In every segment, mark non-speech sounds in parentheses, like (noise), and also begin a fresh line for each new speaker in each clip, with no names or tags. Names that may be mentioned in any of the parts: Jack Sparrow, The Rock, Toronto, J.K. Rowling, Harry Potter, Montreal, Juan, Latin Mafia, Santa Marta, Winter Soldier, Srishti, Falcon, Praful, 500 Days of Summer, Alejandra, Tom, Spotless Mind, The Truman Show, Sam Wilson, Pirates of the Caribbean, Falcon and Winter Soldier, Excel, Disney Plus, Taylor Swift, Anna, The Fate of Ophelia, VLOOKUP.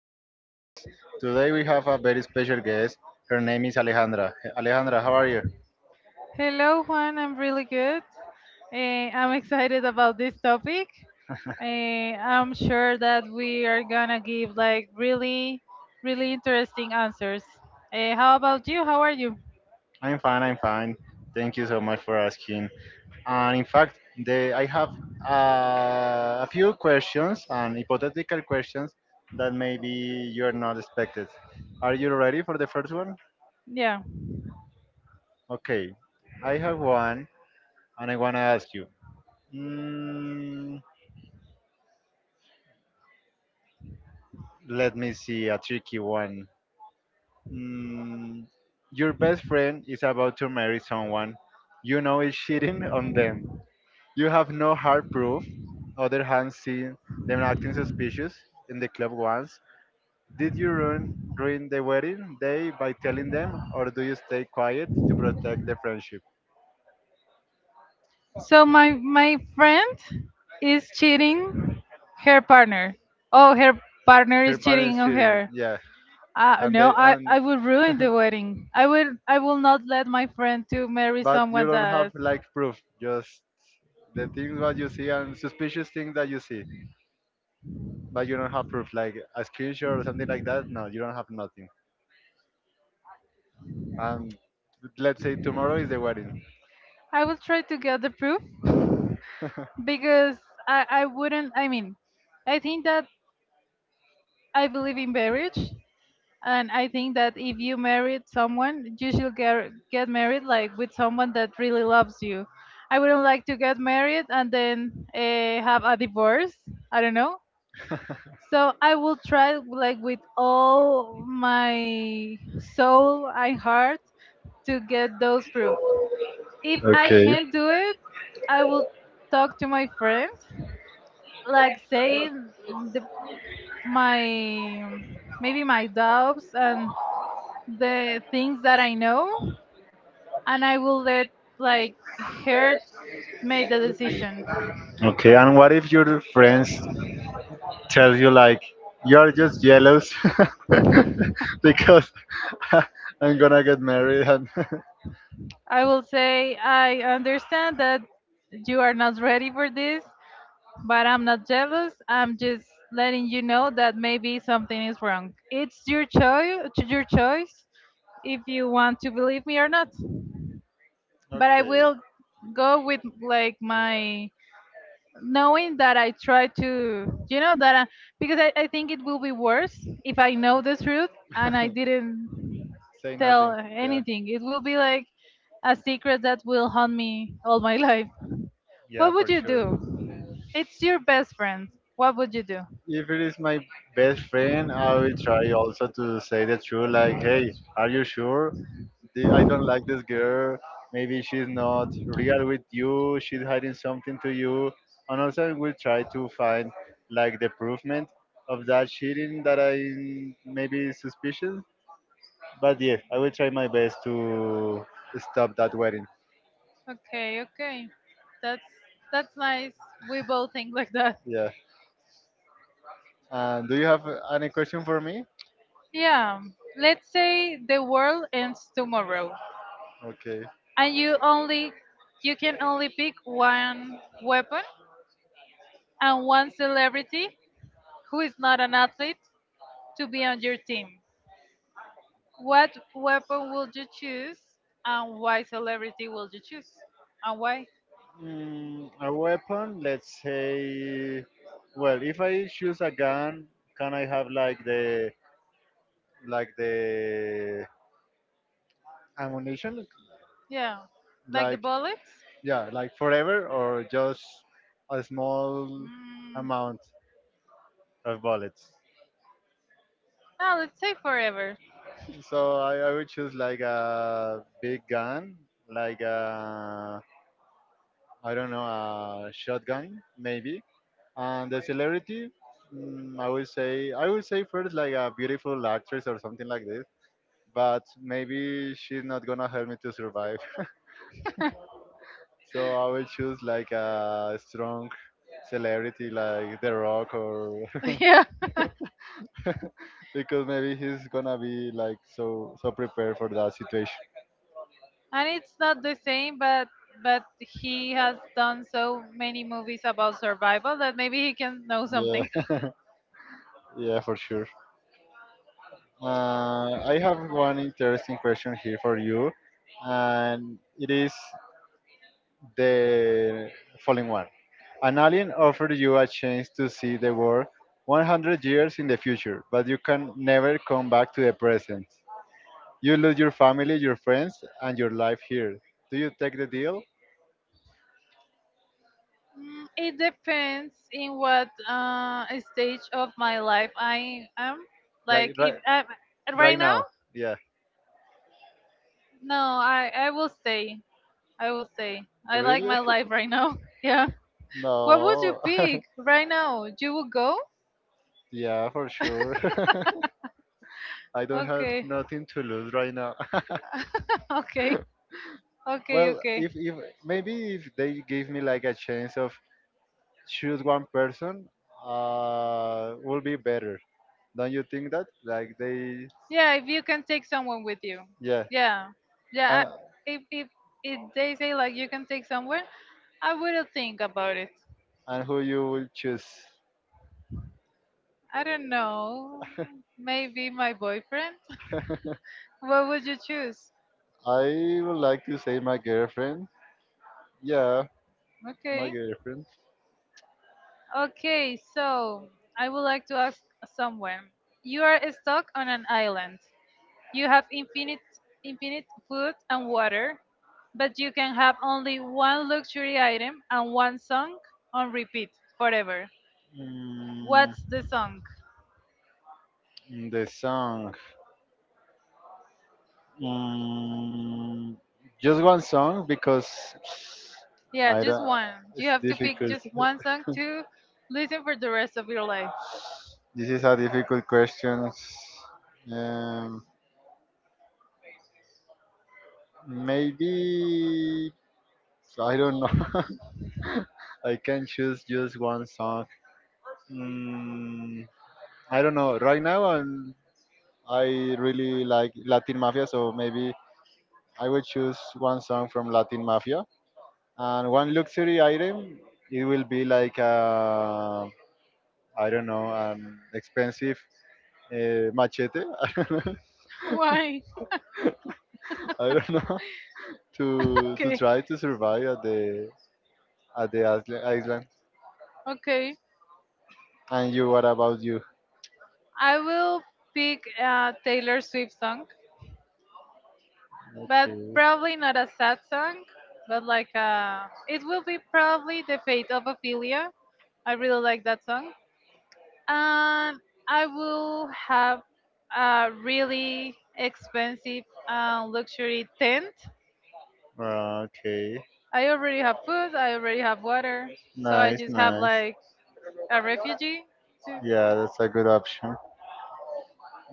to my podcast. Today we have a very special guest. Her name is Alejandra. Alejandra, how are you?
Hello, Juan. I'm really good. I'm excited about this topic. I'm sure that we are gonna give like really, really interesting answers. Eh, how about you? How are you?
I'm fine, I'm fine. Thank you so much for asking. And in fact, I have a few questions and hypothetical questions that maybe you are not expected. Are you ready for the first one?
Yeah.
Okay, I have one and I want to ask you. Mm, let me see a tricky one. Mm, your best friend is about to marry someone you know is cheating on them. You have no hard proof, other hand seen them acting suspicious in the club once. Did you ruin the wedding day by telling them, or do you stay quiet to protect the friendship?
So my friend is cheating her partner. Oh, her partner is
Her
cheating
parents
on
cheating,
her.
yeah, and
No,
they, and
I would ruin
(laughs)
the wedding. I will not let my friend to marry
but you
someone
don't have
that
like proof, just the things what you see and suspicious things that you see. But you don't have proof like a screenshot or something like that. No, you don't have nothing. And let's say tomorrow is the wedding.
I will try to get the proof because I wouldn't, I mean I think that I believe in marriage, and I think that if you married someone you should get married like with someone that really loves you. I wouldn't like to get married and then have a divorce, I don't know,
(laughs)
so I will try like with all my soul and heart to get those proof. If I
Okay.
can't do it, I will talk to my friend, like saying the my maybe my doubts and the things that I know, and I will let like her make the decision.
Okay. And what if your friends tells you like you're just jealous (laughs) because (laughs) I'm gonna get married and (laughs)
I will say I understand that you are not ready for this, but I'm not jealous. I'm just letting you know that maybe something is wrong. It's your choice if you want to believe me or not. But I
okay.
will go with like my knowing that I try to, that because I think it will be worse if I know the truth and I
(laughs)
didn't
Say
tell
nothing. Yeah.
anything. It will be like a secret that will haunt me all my (laughs) life. What
Yeah,
would
for
you
sure.
do? It's your best friend. What would you do?
If it is my best friend, I will try also to say the truth. Like, hey, are you sure? I don't like this girl. Maybe she's not real with you. She's hiding something to you. And also, we'll try to find like the provement of that cheating that I maybe suspicious. But yeah, I will try my best to stop that wedding.
Okay, okay. That's that's nice. We both think like that.
Yeah. And do you have any question for me?
Yeah. Let's say the world ends tomorrow,
Okay.
and you can only pick one weapon and one celebrity who is not an athlete to be on your team. What weapon will you choose, and why celebrity will you choose? And why?
A weapon, let's say, well, if I choose a gun, can I have like the ammunition,
Yeah. Like the
like
bullets?
yeah, like forever, or just a small
Mm,
amount of bullets?
no, let's say forever.
So I would choose like a big gun, like a I don't know a shotgun maybe, and the celebrity, I would say first like a beautiful actress or something like this. But maybe she's not gonna help me to survive. (laughs) So I will choose like a strong celebrity like The Rock or
(laughs)
(laughs)
Yeah. (laughs) And
because maybe he's gonna be like so so prepared for that situation.
it's not the same, but he has done so many movies about survival that maybe he can know something.
Yeah, (laughs) yeah, for sure. I have one interesting question here for you, and it is the following one. An alien offered you a chance to see the world 100 years in the future, but you can never come back to the present. You lose your family, your friends, and your life here. Do you take the deal?
Mm, it depends in what stage of my life I am. Like
Like
if
right,
I right
right
now,
now? Yeah.
no, I will stay. I will stay. I like
Really?
my life
(laughs)
right now. (laughs) Yeah. What would you
No. (laughs)
pick right now? You would go?
yeah, for sure. (laughs) I don't have
Okay.
nothing to lose right now.
(laughs) Okay.
(laughs)
Okay.
well,
Okay.
if maybe if they give me like a chance of choose one person, will be better. Don't you think that? Like they,
Yeah. If you can take someone with you.
yeah,
Yeah. Yeah.
and
I, if if if they say like you can take someone, I will think about it.
and who you will choose?
I don't know. Maybe my boyfriend? (laughs) What would you choose?
I would like to say my girlfriend. Yeah, my
Okay.
girlfriend.
Okay, so I would like to ask someone. You are stuck on an island. You have infinite food and water, but you can have only one luxury item and one song on repeat forever.
Mm,
What's the song?
the song. Mm, just one song because
Yeah,
I
just
don't.
one.
It's
You have to pick
difficult.
just one song to listen for the rest of your life.
This is a difficult question. Um, maybe I don't know. (laughs) I can choose just one song. Mm, I don't know. Right now, I really like Latin Mafia, so maybe I will choose one song from Latin Mafia. And one luxury item, it will be like, I don't know, an expensive machete. (laughs) I don't know.
(laughs) Why?
I don't know
(laughs)
to
Okay.
try to survive at the island.
Okay.
And you, what about you?
I will pick a Taylor Swift song, but
Okay.
probably not a sad song, but like it will be probably The Fate of Ophelia. I really like that song. And I will have a really expensive luxury tent.
Okay.
I already have food, I already have water, so I
Nice,
just have
nice.
like a refugee too.
Yeah, that's a good option.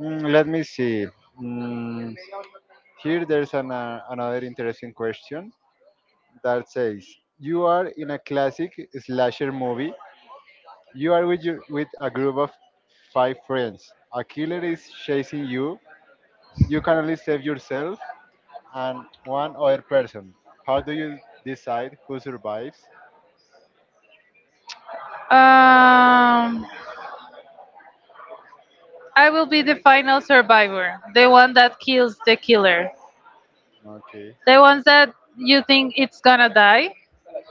Let me see. Mm, Here there's an, another interesting question that says, you are in a classic slasher movie. You are with, your, with a group of five friends. A killer is chasing you. You can only save yourself and one other person. How do you decide who survives?
Um, I will be the final survivor, the one that kills the killer.
Okay.
The ones that you think it's gonna die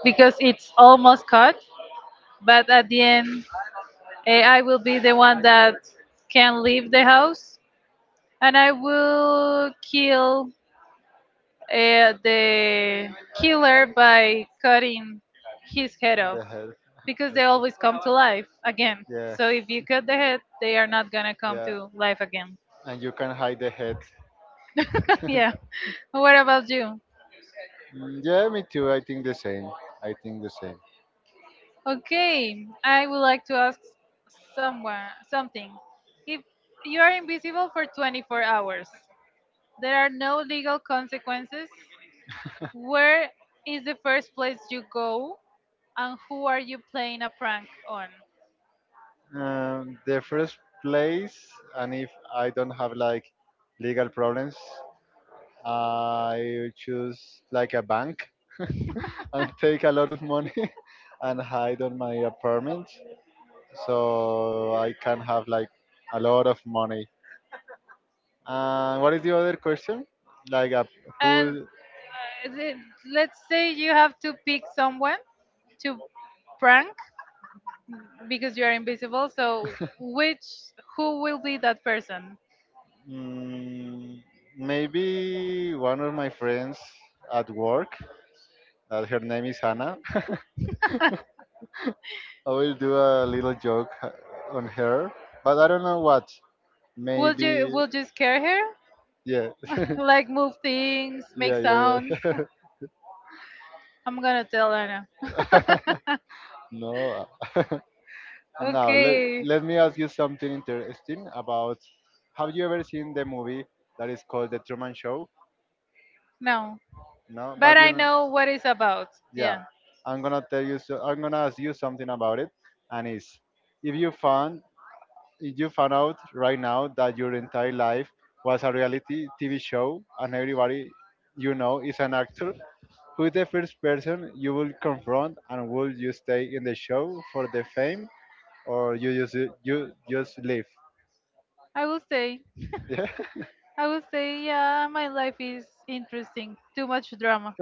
because it's almost cut, but at the end, I will be the one that can leave the house, and I will kill the killer by cutting his head off
The hell. (laughs)
because
Okay.
they always come to life again.
Yeah.
So if you cut the head, they are not gonna come
Yeah.
to life again.
And you can hide the head.
(laughs) Yeah. What about you?
Yeah, me too. I think the same. I think the same.
Okay, I would like to ask someone something. If you are invisible for 24 hours, there are no legal consequences. Where is the first place you go, and who are you playing a prank on?
The first place, and if I don't have like legal problems, I choose like a bank (laughs) and take a lot of money (laughs) and hide on my apartment so I can have like a lot of money. And what is the other question? Like, a,
And
who?
let's say you have to pick someone to prank because you are invisible. So, which who will be that person?
Mm, maybe one of my friends at work. That her name is Hannah. I will do a little joke (laughs) on her, but I don't know what. Maybe,
Will you scare her?
yeah, (laughs)
(laughs) Like move things, make
yeah, yeah,
sounds.
yeah.
I'm gonna tell Anna.
(laughs) no, (laughs) now let
Okay.
let me ask you something interesting about. Have you ever seen the movie that is called The Truman Show?
No.
No,
But
but
I
you,
know what it's about.
yeah,
Yeah.
I'm gonna tell you. So, I'm gonna ask you something about it, and it's if you found if you found out right now that your entire life was a reality TV show and everybody you know is an actor, who is the first person you will confront and will you stay in the show for the fame or you just leave? (laughs)
I will say.
Yeah.
I will say, yeah, my life is interesting. Too much drama.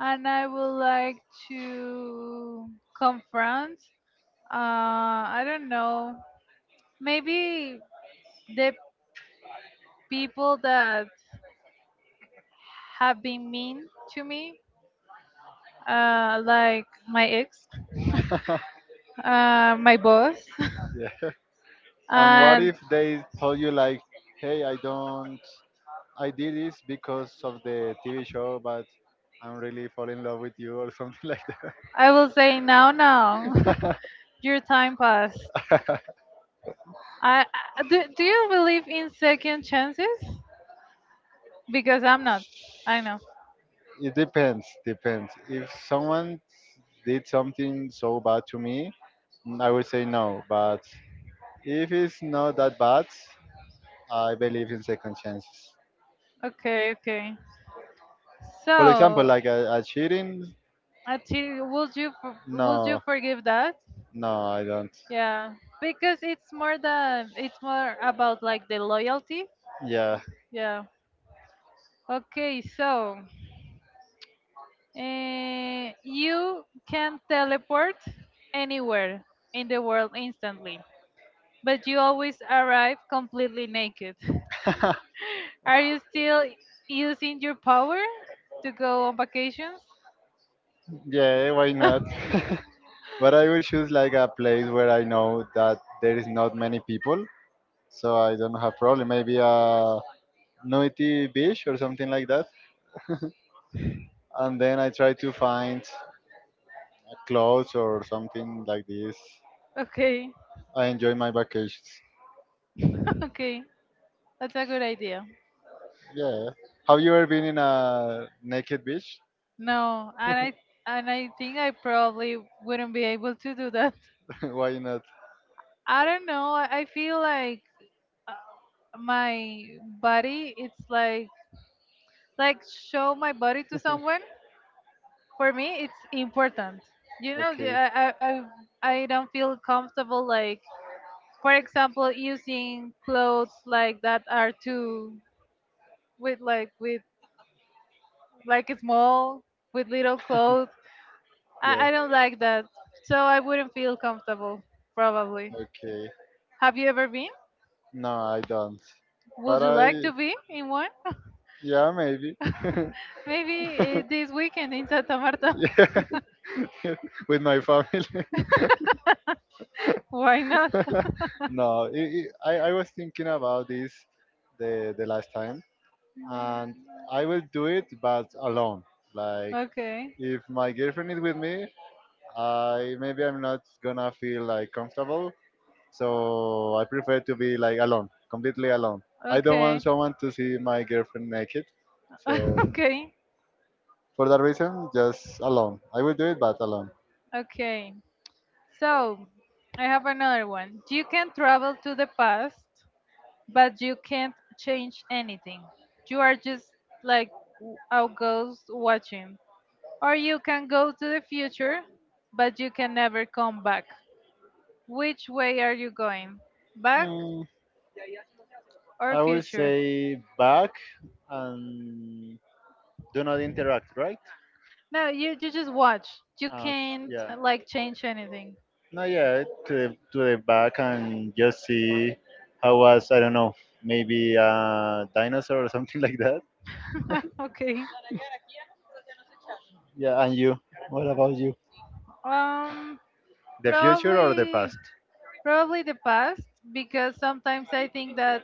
And I would like to confront, I don't know, maybe the people that have been mean to me, like my ex, my boss. (laughs)
yeah. And what
And
if they told you like, hey, I don't I did this because of the TV show, but I'm really falling in love with you or something (laughs) like
I will say, "No, no, (laughs) your time passed." I, I do. Do you believe in second chances? Because I'm not. I know.
it depends, depends. If someone did something so bad to me, I would say no. But if it's not that bad, I believe in second chances.
Okay, okay.
For example,
So,
like a cheating,
actually, would you
no,
forgive that?
no, I don't.
Yeah, because it's more about like the loyalty.
Yeah,
Yeah. Okay, so you can teleport anywhere in the world instantly, but you always arrive completely naked. (laughs)
(laughs)
Are you still using your power to go on vacations?
yeah, why not?
(laughs)
(laughs) but I would choose like a place where I know that there is not many people, so I don't have problem. Maybe a noisy beach or something like that. And then I try to find clothes or something like this.
Okay.
I enjoy my vacations.
(laughs) Okay, that's a good idea.
Yeah. Have you ever been in a naked beach?
No, and I think I probably wouldn't be able to do that.
(laughs) Why not?
I don't know. I feel like uh, my body. It's like show my body to someone, for me it's important, you know the-
Okay.
i i i I don't feel comfortable like, for example, using clothes like that are too with like small, with little clothes.
Yeah.
I don't like that, so I wouldn't feel comfortable probably.
Okay.
Have you ever been?
No, I don't. But
Would you
I,
like to be in one? (laughs)
yeah, maybe. (laughs)
Maybe this weekend in Santa Marta?
yeah. (laughs) With my family.
(laughs) Why not?
(laughs) no, I was thinking about this the last time. And I will do it, but alone.
(laughs)
Like
Okay.
if my girlfriend is with me, I maybe I'm not gonna feel like comfortable, so I prefer to be like alone, completely alone. I don't
Okay.
want someone to see my girlfriend naked,
(laughs)
so
Okay.
for that reason, just alone. I will do it, but alone.
Okay. So, I have another one. You can travel to the past, but you can't change anything. You are just like a ghost watching. Or you can go to the future, but you can never come back. Which way are you going? Back
Mm,
or
I will
future?
say back and do not interact, right?
No, you just watch. You
Ah, okay.
can't
Yeah.
like change anything.
No, yeah, to to the back and just see how was, I don't know, maybe a dinosaur or something (laughs) like that.
(laughs) Okay.
Yeah, and you, what about you?
Um,
The future or the
probably
past?
probably the past, because sometimes I think that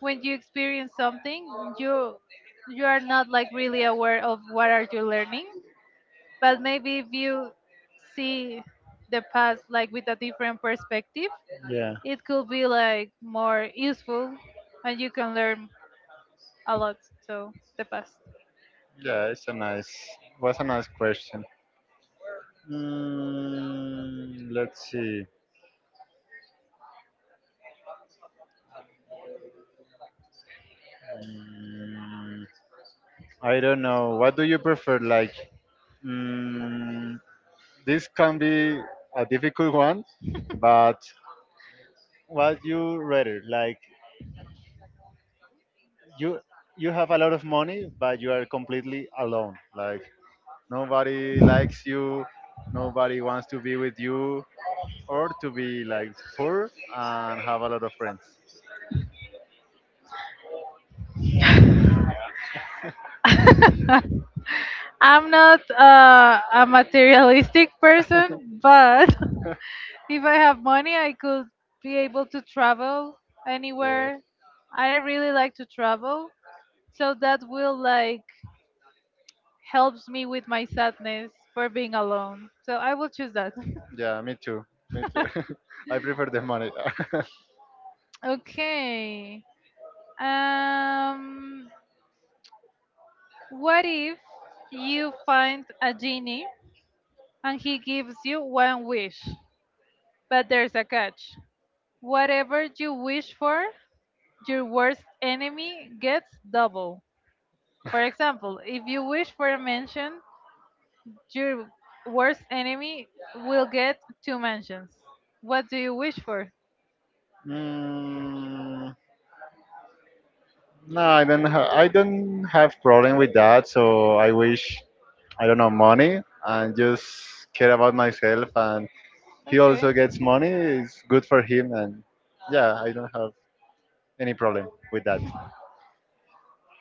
when you experience something, you are not like really aware of what are you learning, but maybe if you see the past like with a different perspective,
Yeah,
it could be like more useful, and you can learn a lot. So the past.
yeah, it's a nice, was a nice question. Let's see. Mm, I don't know. What do you prefer? Like, mm, this can be a difficult one, but what you read it like you have a lot of money but you are completely alone like nobody likes you nobody wants to be with you or to be like poor and have a lot of friends.
I'm not a materialistic person, but
(laughs)
(laughs) if I have money I could be able to travel
Yeah.
anywhere. I really like to travel, so that will like helps me with my sadness for being alone. So I will choose that. (laughs)
Yeah, me too. Me too. (laughs) I prefer the money.
Okay. Um, what if you find a genie and he gives you one wish, but there's a catch. Whatever you wish for, your worst enemy gets double. For example, if you wish for a mansion, your worst enemy will get two mansions. What do you wish for?
(laughs) mm, no, I don't. I don't have problem with that. So I wish I don't know money and just care about myself. And he
Okay.
also gets money. It's good for him. And yeah, I don't have any problem with that.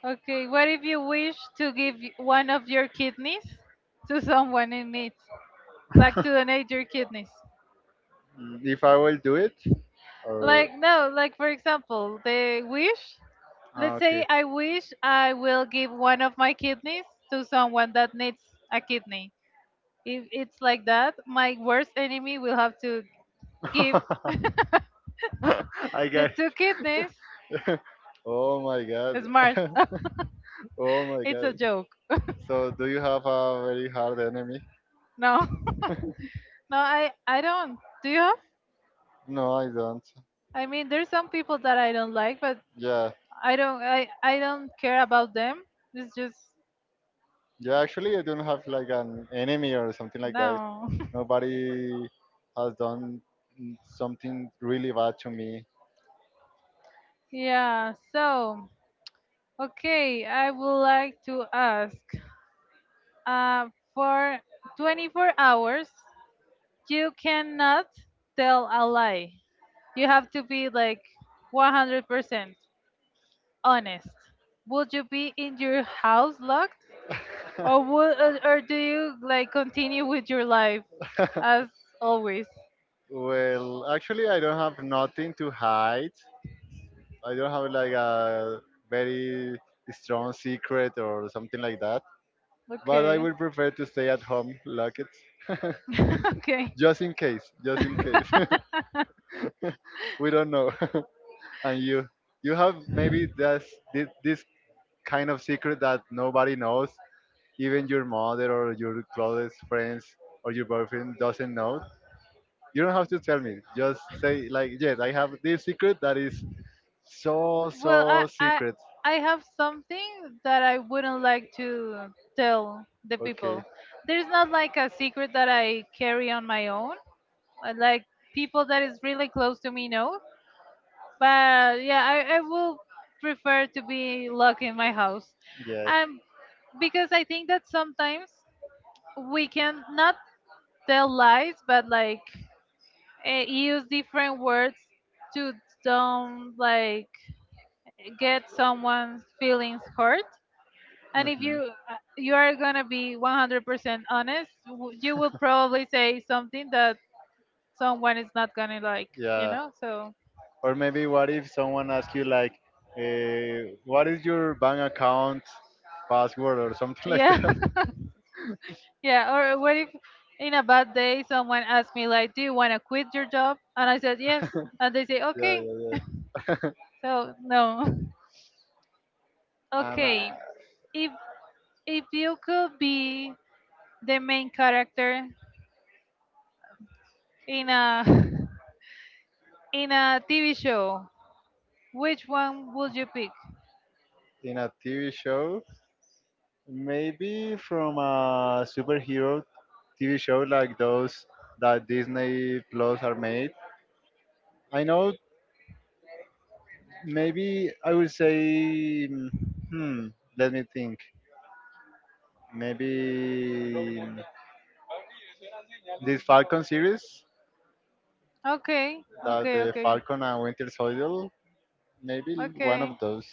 Okay, what if you wish to give one of your kidneys to someone in need? Like to
(laughs)
donate your kidneys?
If I will do it, or
Like, no, like for example, the wish.
ah,
Let's
okay,
say I wish I will give one of my kidneys to someone that needs a kidney. If it's like that, my worst enemy will have to give
(laughs) I
the
got
two kidneys.
it. (laughs) Oh my god.
Smart.
(laughs)
(laughs)
Oh my
It's a
god.
joke. (laughs)
So do you have a very hard enemy?
No. (laughs) No, I don't. Do you have?
No, I don't.
I mean, there's some people that I don't like, but
Yeah.
I don't care about them. It's just
Yeah, actually I don't have like an enemy or something like that.
no. (laughs)
Nobody has done something really bad to me.
Yeah, so okay, I would like to ask uh for 24 hours you cannot tell a lie. You have to be like 100% honest. Would you be in your house locked, or would
(laughs)
or do you like continue with your life as always?
Well, actually I don't have nothing to hide. I don't have like a very strong secret or something like that. But I
Okay.
would prefer to stay at home, lock it, (laughs)
(laughs) Okay.
just in case, just in case. (laughs)
(laughs)
we don't know. (laughs) and you have maybe this kind of secret that nobody knows, even your mother or your closest friends or your boyfriend doesn't know. You don't have to tell me. Just say like, yes, I have this secret that is so
Well,
so secret.
I have something that I wouldn't like to tell the
Okay.
people. There's not like a secret that I carry on my own. I like people that is really close to me know. But yeah, I will prefer to be locked in my house.
Yeah.
Um, because I think that sometimes we can not tell lies, but like use different words to don't like get someone's feelings hurt. And if
hmm
you you are gonna be 100% honest, you will probably say something that someone is not gonna like, you
Yeah.
know? So
Or maybe what if someone asks you like, what is your bank account password or something (laughs) like
yeah.
that?
(laughs) Yeah. Or what if in a bad day someone asks me like, "Do you wanna quit your job?" And I said yes, and they say
Yeah,
okay.
yeah, yeah.
So no. (laughs)
(laughs) and
Okay. If you could be the main character in a (laughs) in a TV show, which one would you pick?
in a TV show, maybe from a superhero TV show like those that Disney Plus are made. I know maybe I would say, hmm, let me think. Maybe this Falcon series
Okay,
that
okay,
the
okay.
Falcon and Winter Soldier maybe one of
Okay.
those.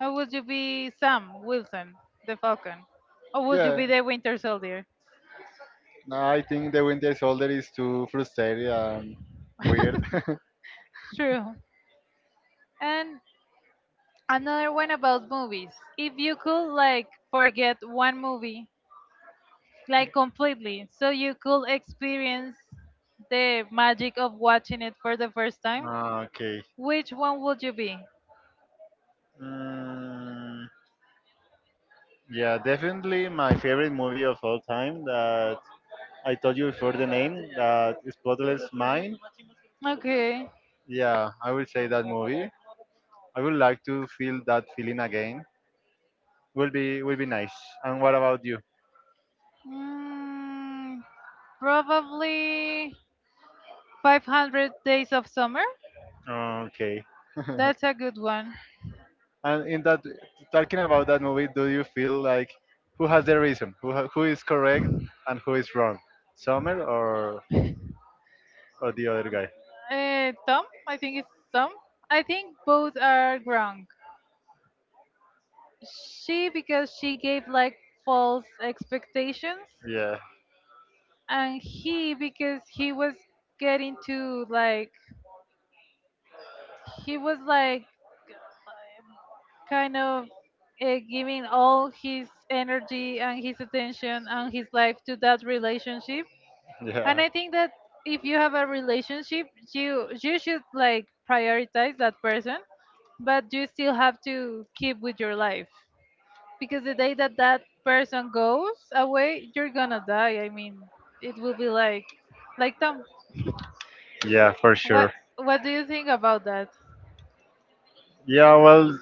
Or would you be Sam Wilson, the Falcon? Or would you
Yeah.
be the Winter Soldier?
No, I think the Winter Soldier is too frustrated and weird.
True. And another one about movies. If you could like forget one movie, like completely, so you could experience the magic of watching it for the first time,
(laughs) okay.
which one would you be?
Mm, yeah, definitely my favorite movie of all time that I told you before the name that is Spotless Mind.
Okay.
Yeah, I will say that movie. I would like to feel that feeling again. Will be nice. And what about you?
Mm, probably 500 Days of Summer.
Okay.
That's a good one.
And in that, talking about that movie, do you feel like who has the reason, who is correct and who is wrong, Summer or the other guy?
Tom, I think it's Tom. I think both are wrong. She because she gave like false expectations,
Yeah,
and he because he was getting to like he was like kind of giving all his energy and his attention and his life to that relationship. And
yeah.
I think that if you have a relationship, you should like prioritize that person but you still have to keep with your life because the day that that person goes away you're gonna die. I mean it will be like Tom.
Yeah, for
what
sure.
what do you think about that?
Yeah, well,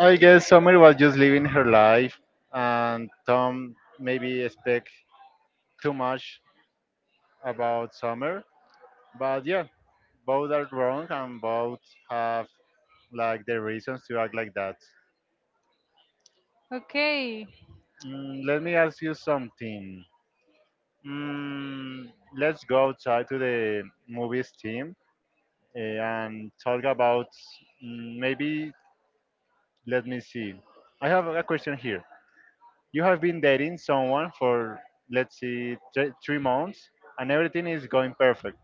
I guess Summer was just living her life, and Tom maybe expect too much about summer. But yeah, both are wrong and both have like their reasons to act like that.
Okay,
Let me ask you something. Mm, let's go outside to the movies team and talk about maybe. Let me see. I have a question here. You have been dating someone for 3 months, and everything is going perfect.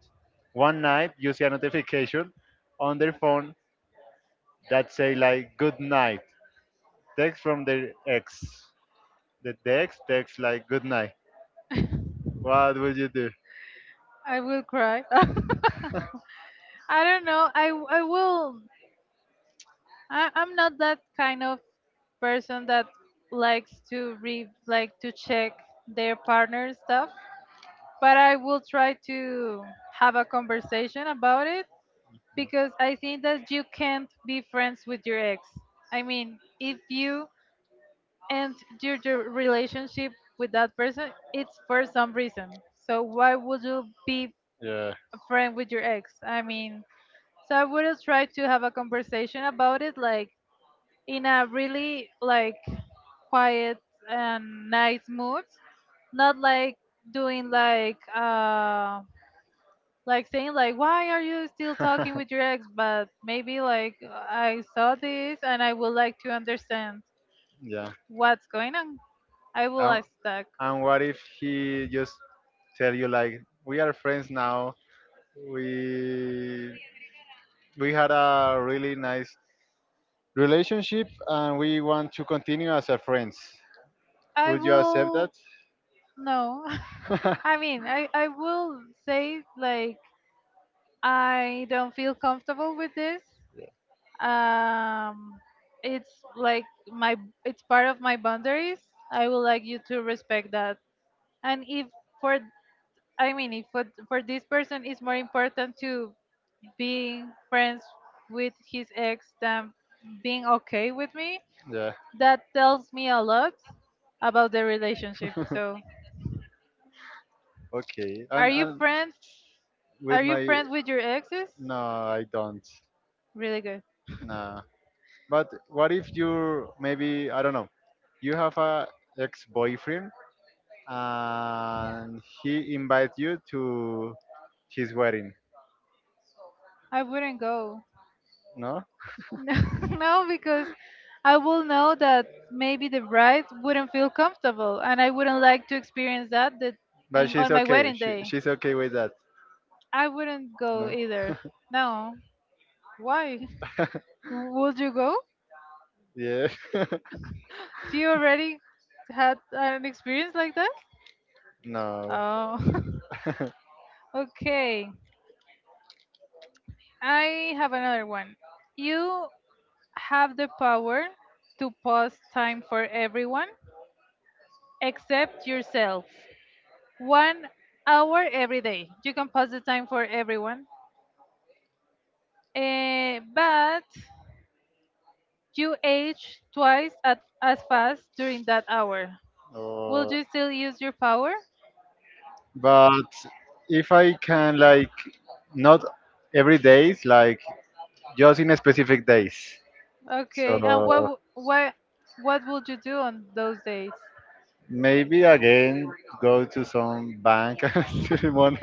One night, you see a notification on their phone that say like good night. Text from their ex. The ex text like good night. What would you do?
I will cry. (laughs) I don't know, I will, I'm not that kind of person that likes to re like to check their partner stuff, but I will try to have a conversation about it because I think that you can't be friends with your ex. I mean, if you end your relationship with that person, it's for some reason. So why would you be
Yeah.
a friend with your ex? I mean, so I would have tried to have a conversation about it, like in a really like quiet and nice mood, not like doing like saying like why are you still talking with your
(laughs)
ex, but maybe like I saw this and I would like to understand
yeah.
what's going on. I will
And,
ask that.
and what if he just tell you like we are friends now. We we had a really nice relationship and we want to continue as a friends.
I
Would you accept that?
will no. (laughs) I mean, I will say like I don't feel comfortable with this, um it's like my, it's part of my boundaries, I would like you to respect that. And if for, I mean if for this person it's more important to being friends with his ex than being okay with me.
(laughs) yeah.
That tells me a lot about the relationship.
(laughs)
So,
Okay.
are
And
you
and
friends? Are
with
you
my
friends with your exes?
no, I don't.
Really good.
Nah. But what if you maybe I don't know. You have a ex-boyfriend and he invites you to his wedding.
I wouldn't go. (laughs)
No?
No, no, because I will know that maybe the bride wouldn't feel comfortable, and I wouldn't like to experience that,
But she's
on my
okay.
wedding day.
She's okay with that.
I wouldn't go
No.
either. No. Why? (laughs) Would you go?
Yeah. (laughs)
Do you already had an experience like that?
no.
Oh.
(laughs)
(laughs) Okay. I have another one. You have the power to pause time for everyone except yourself. 1 hour every day. You can pause the time for everyone. Eh, but you age twice at, as fast during that hour. Will
Oh,
you still use your power?
but if I can like not every day, like just in specific days. So
Okay. And what what what would you do on those days?
maybe again go to some bank (laughs) ceremony.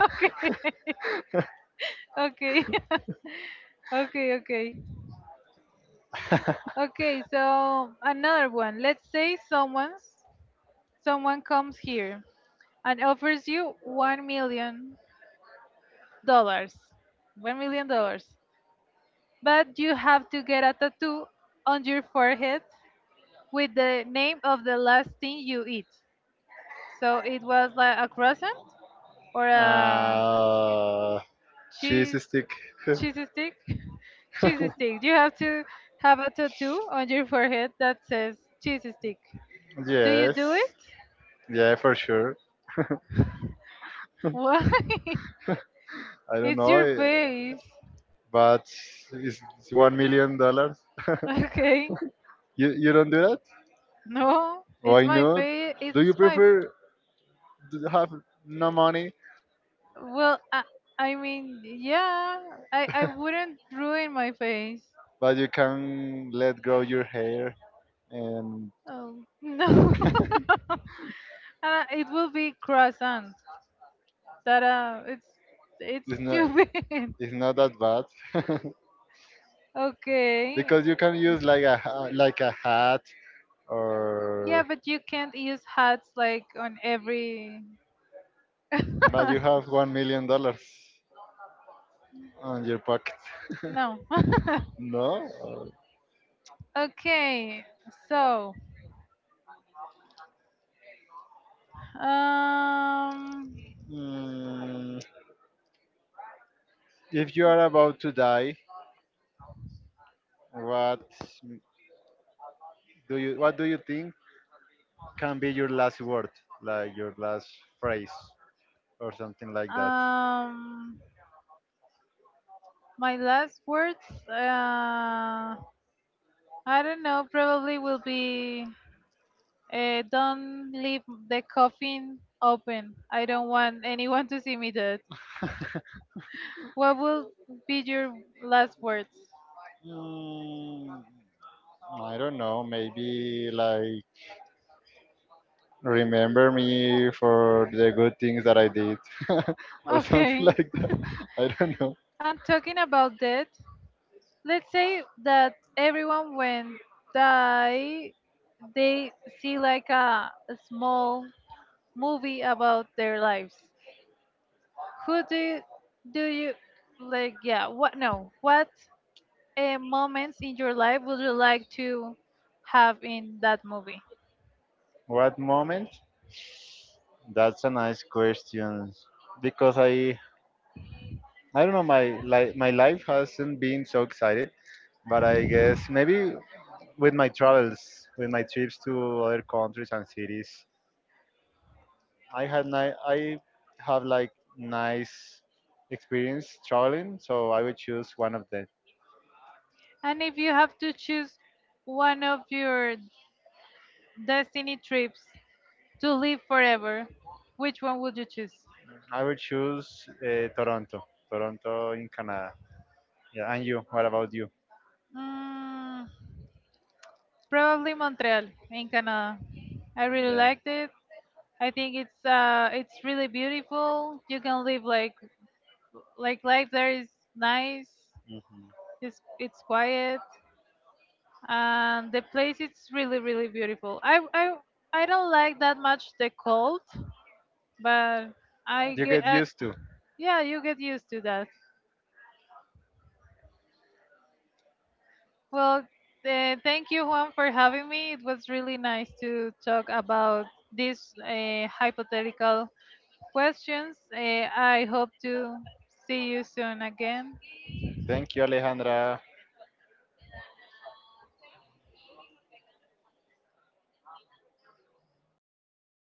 Okay. (laughs) Okay. (laughs) Okay, okay, okay, so another one. Let's say someone comes here and offers you $1 million, $1 million, but you have to get a tattoo on your forehead with the name of the last thing you eat. So it was like a croissant or a
Uh, cheese
cheese
stick. (laughs)
cheesy stick. (laughs) Cheesy stick, you have to have a tattoo on your forehead that says cheesy stick. Do you
yes.
do it?
Yeah, for sure.
Why?
I
(laughs)
don't
It's
know,
your
eh,
face.
but it's $1 million.
Okay,
You you don't do that?
no, it's
Why
my
not?
face,
Do you
it's my f-,
prefer to have no money,
well I mean yeah, I wouldn't ruin my face.
but you can let grow your hair and
(laughs) No. (laughs) It will be croissant. That it's
it's not.
stupid.
It's not that bad
(laughs)
(laughs)
Okay.
because you can use like like a hat
Yeah,
or
but you can't use hats like on every.
but you
(laughs)
have $1 million on your pocket. (laughs)
No.
No.
(laughs) Okay, so um
Mm, if you are about to die, what what do you think can be your last word, like your last phrase or something like that?
um my last words, I don't know, probably will be, don't leave the coffin open. I don't want anyone to see me dead. What will be your last words? (laughs)
Mm, I don't know. Maybe like remember me for the good things that I did (laughs) or something
Okay.
like that. I don't know.
And talking about death, let's say that everyone when die they see like a small movie about their lives. Who do you like yeah what no what moments in your life would you like to have in that movie?
What moment? That's a nice question because I don't know my like my life hasn't been so excited, but I guess maybe with my travels, with my trips to other countries and cities, I have like nice experience traveling, so I would choose one of them.
And if you have to choose one of your destiny trips to live forever, which one would you choose?
I would choose Toronto, Toronto in Canada. Yeah, and you? What about you?
Mm, probably Montreal in Canada. I really
Yeah.
liked it. I think it's really beautiful. You can live like life there is nice.
mhm.
It's quiet and the place is really really beautiful. I I don't like that much the cold, but I
You
get
get used to.
yeah you get used to that. Well, thank you Juan for having me. It was really nice to talk about this hypothetical questions. I hope to see you soon again.
Thank you, Alejandra.